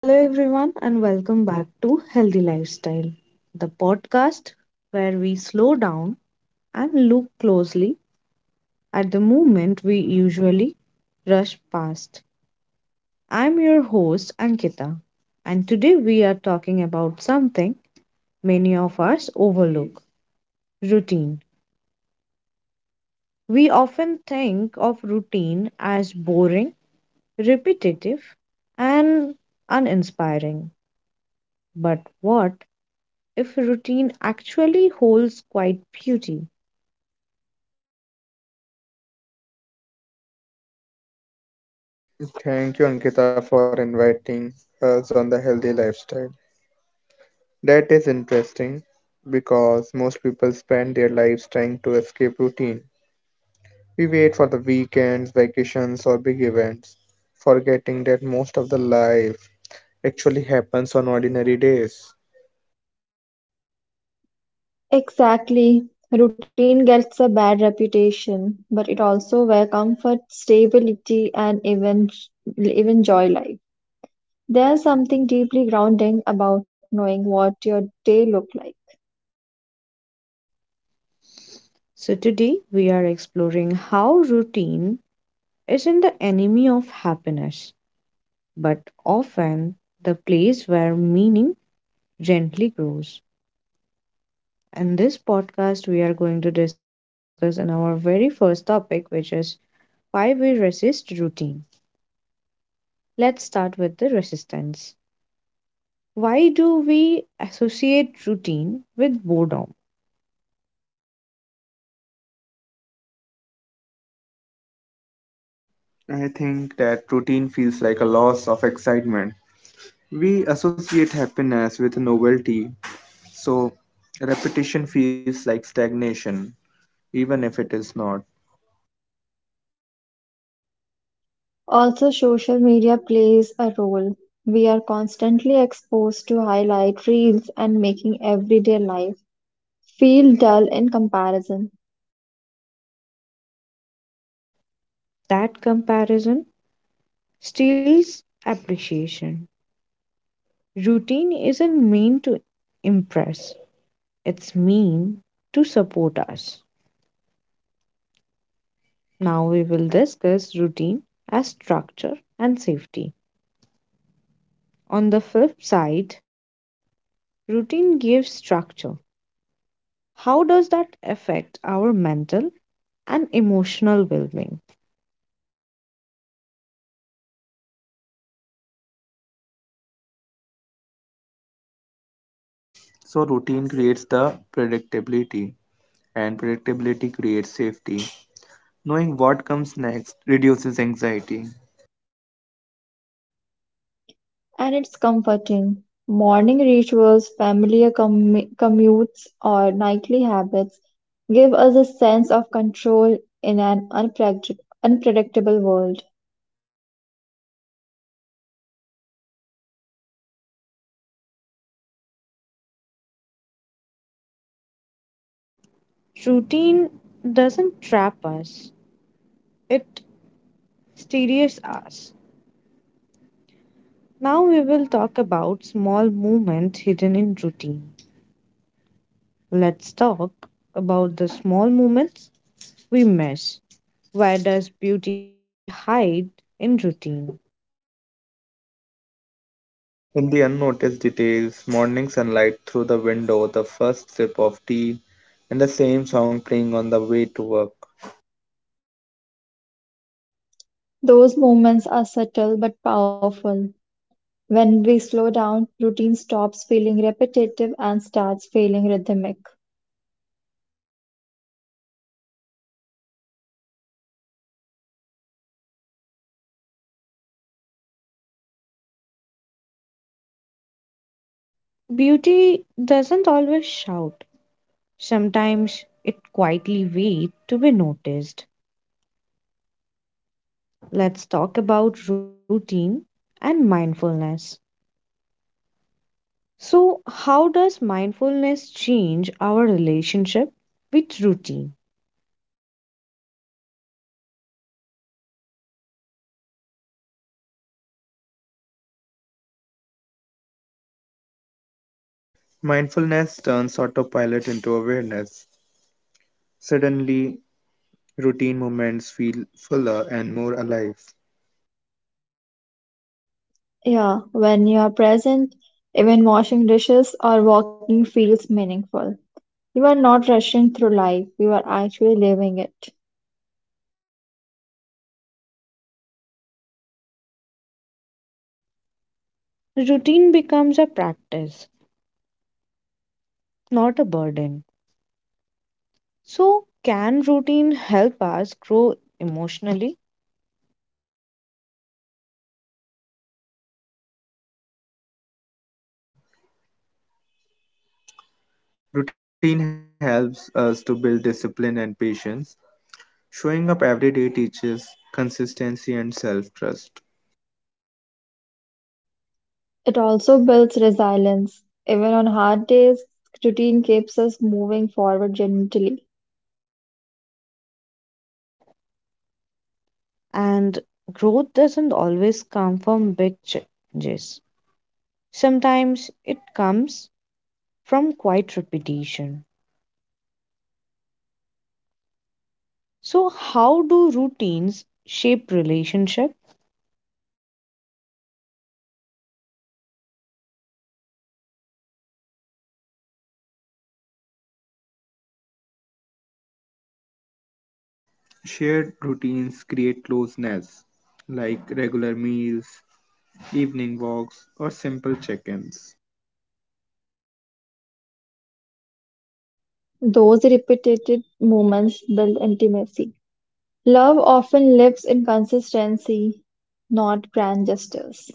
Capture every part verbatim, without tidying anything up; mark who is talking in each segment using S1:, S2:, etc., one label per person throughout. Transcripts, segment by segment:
S1: Hello, everyone, and welcome back to Healthy Lifestyle, the podcast where we slow down and look closely at the movement we usually rush past. I'm your host, Ankita, and today we are talking about something many of us overlook: routine. We often think of routine as boring, repetitive, and uninspiring. But what if routine actually holds quite beauty?
S2: Thank you, Ankita, for inviting us on the healthy lifestyle. That is interesting because most people spend their lives trying to escape routine. We wait for the weekends, vacations, or big events, forgetting that most of the life actually happens on ordinary days.
S3: Exactly. Routine gets a bad reputation, but it also where comfort, stability, and even even joy lie. There's something deeply grounding about knowing what your day look like.
S1: So, today we are exploring how routine isn't the enemy of happiness, but often the place where meaning gently grows. In this podcast, we are going to discuss in our very first topic, which is why we resist routine. Let's start with the resistance. Why do we associate routine with boredom?
S2: I think that routine feels like a loss of excitement. We associate happiness with novelty, so repetition feels like stagnation, even if it is not.
S3: Also, social media plays a role. We are constantly exposed to highlight reels and making everyday life feel dull in comparison.
S1: That comparison steals appreciation. Routine isn't mean to impress, it's mean to support us. Now we will discuss routine as structure and safety. On the flip side, routine gives structure. How does that affect our mental and emotional well being?
S2: So routine creates the predictability and predictability creates safety. Knowing what comes next reduces anxiety.
S3: And it's comforting. Morning rituals, familiar commu- commutes, or nightly habits give us a sense of control in an unpredict- unpredictable world.
S1: Routine doesn't trap us, it steadies us. Now we will talk about small movement hidden in routine. Let's talk about the small movements we miss. Where does beauty hide in routine?
S2: In the unnoticed details, morning sunlight through the window, the first sip of tea, and the same song playing on the way to work.
S3: Those moments are subtle but powerful. When we slow down, routine stops feeling repetitive and starts feeling rhythmic.
S1: Beauty doesn't always shout, sometimes it quietly waits to be noticed. Let's talk about routine and mindfulness. So, how does mindfulness change our relationship with routine?
S2: Mindfulness turns autopilot into awareness. Suddenly, routine moments feel fuller and more alive.
S3: Yeah, when you are present, even washing dishes or walking feels meaningful. You are not rushing through life, you are actually living it.
S1: Routine becomes a practice, not a burden. So, can routine help us grow emotionally?
S2: And definitely, Ankita. Routine helps us to build discipline and patience. Showing up every day teaches consistency and self trust.
S3: It also builds resilience. Even on hard days, routine keeps us moving forward gently.
S1: And growth doesn't always come from big changes. Sometimes it comes from quiet repetition. So, how do routines shape relationship?
S2: Shared routines create closeness, like regular meals, evening walks, or simple check ins.
S3: Those repeated moments build intimacy. Love often lives in consistency, not grand gestures.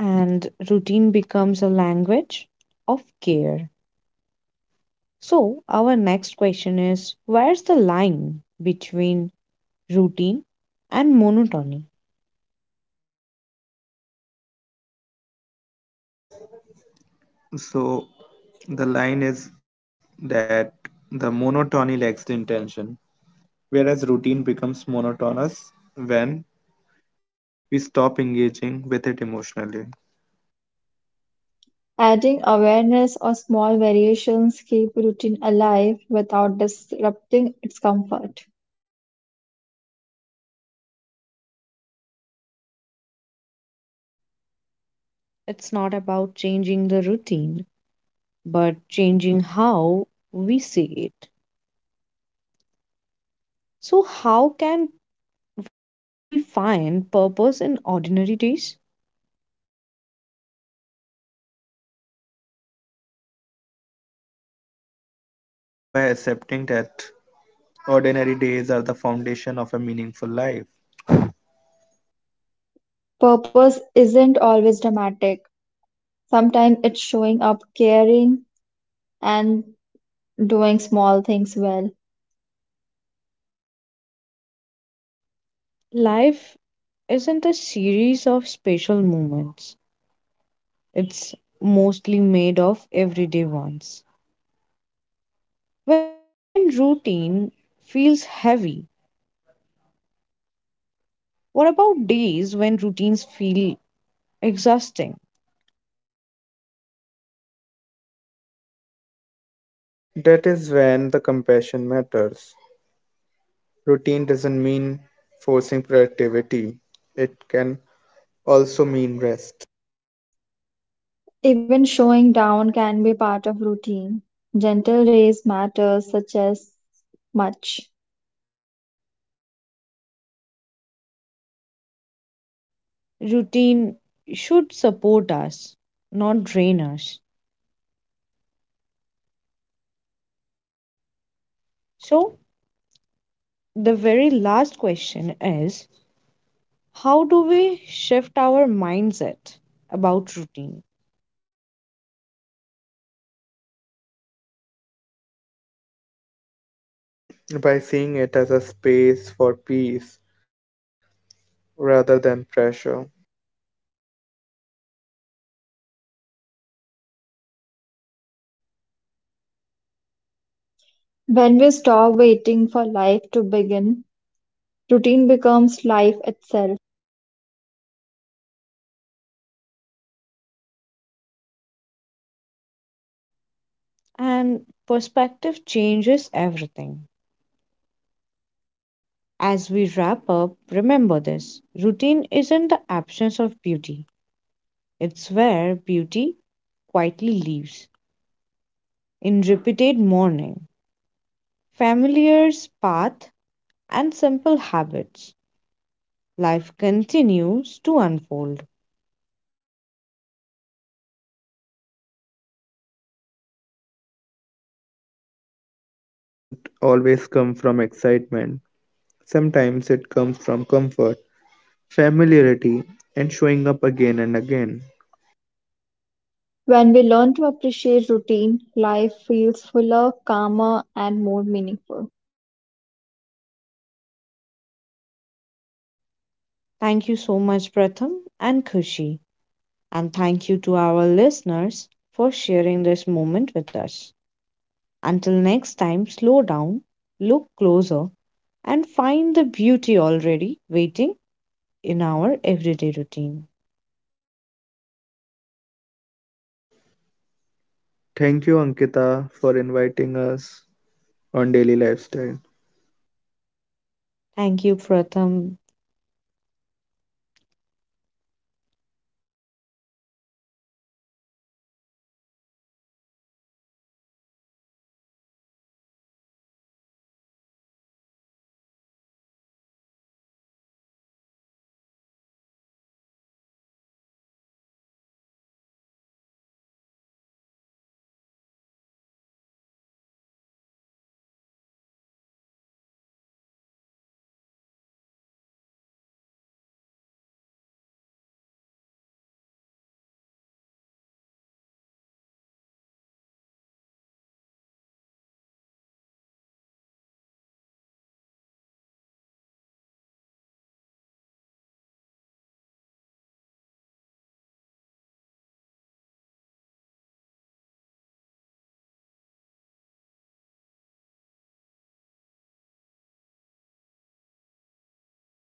S1: And routine becomes a language of care. So, our next question is, where's the line between routine and monotony?
S2: So, the line is that the monotony lacks the intention, whereas routine becomes monotonous when we stop engaging with it emotionally.
S3: Adding awareness or small variations keep routine alive without disrupting its comfort.
S1: It's not about changing the routine, but changing how we see it. So, how can we find purpose in ordinary days?
S2: By accepting that ordinary days are the foundation of a meaningful life,
S3: Purpose isn't always dramatic. Sometimes it's showing up caring and doing small things well.
S1: Life isn't a series of special moments, it's mostly made of everyday ones. When routine feels heavy, what about days when routines feel exhausting?
S2: that is when the compassion matters. Routine doesn't mean forcing productivity, it can also mean rest
S3: Even showing down can be part of routine. Gentle race matters such as much.
S1: Routine should support us, not drain us. So, the very last question is, how do we shift our mindset about routine?
S2: by seeing it as a space for peace rather than pressure.
S3: When we stop waiting for life to begin, routine becomes life itself.
S1: And perspective changes everything. As we wrap up, remember this: routine isn't the absence of beauty, it's where beauty quietly lives. In repeated morning, familiar path, and simple habits, life continues to unfold.
S2: Joy doesn't always come from excitement, sometimes it comes from comfort, familiarity, and showing up again and again.
S3: When we learn to appreciate routine, life feels fuller, calmer, and more meaningful.
S1: Thank you so much, Pratham and Kushi, and thank you to our listeners for sharing this moment with us. Until next time, slow down, look closer, and find the beauty already waiting in our everyday routine.
S2: Thank you, Ankita, for inviting us on Daily Lifestyle.
S1: Thank you, Pratham.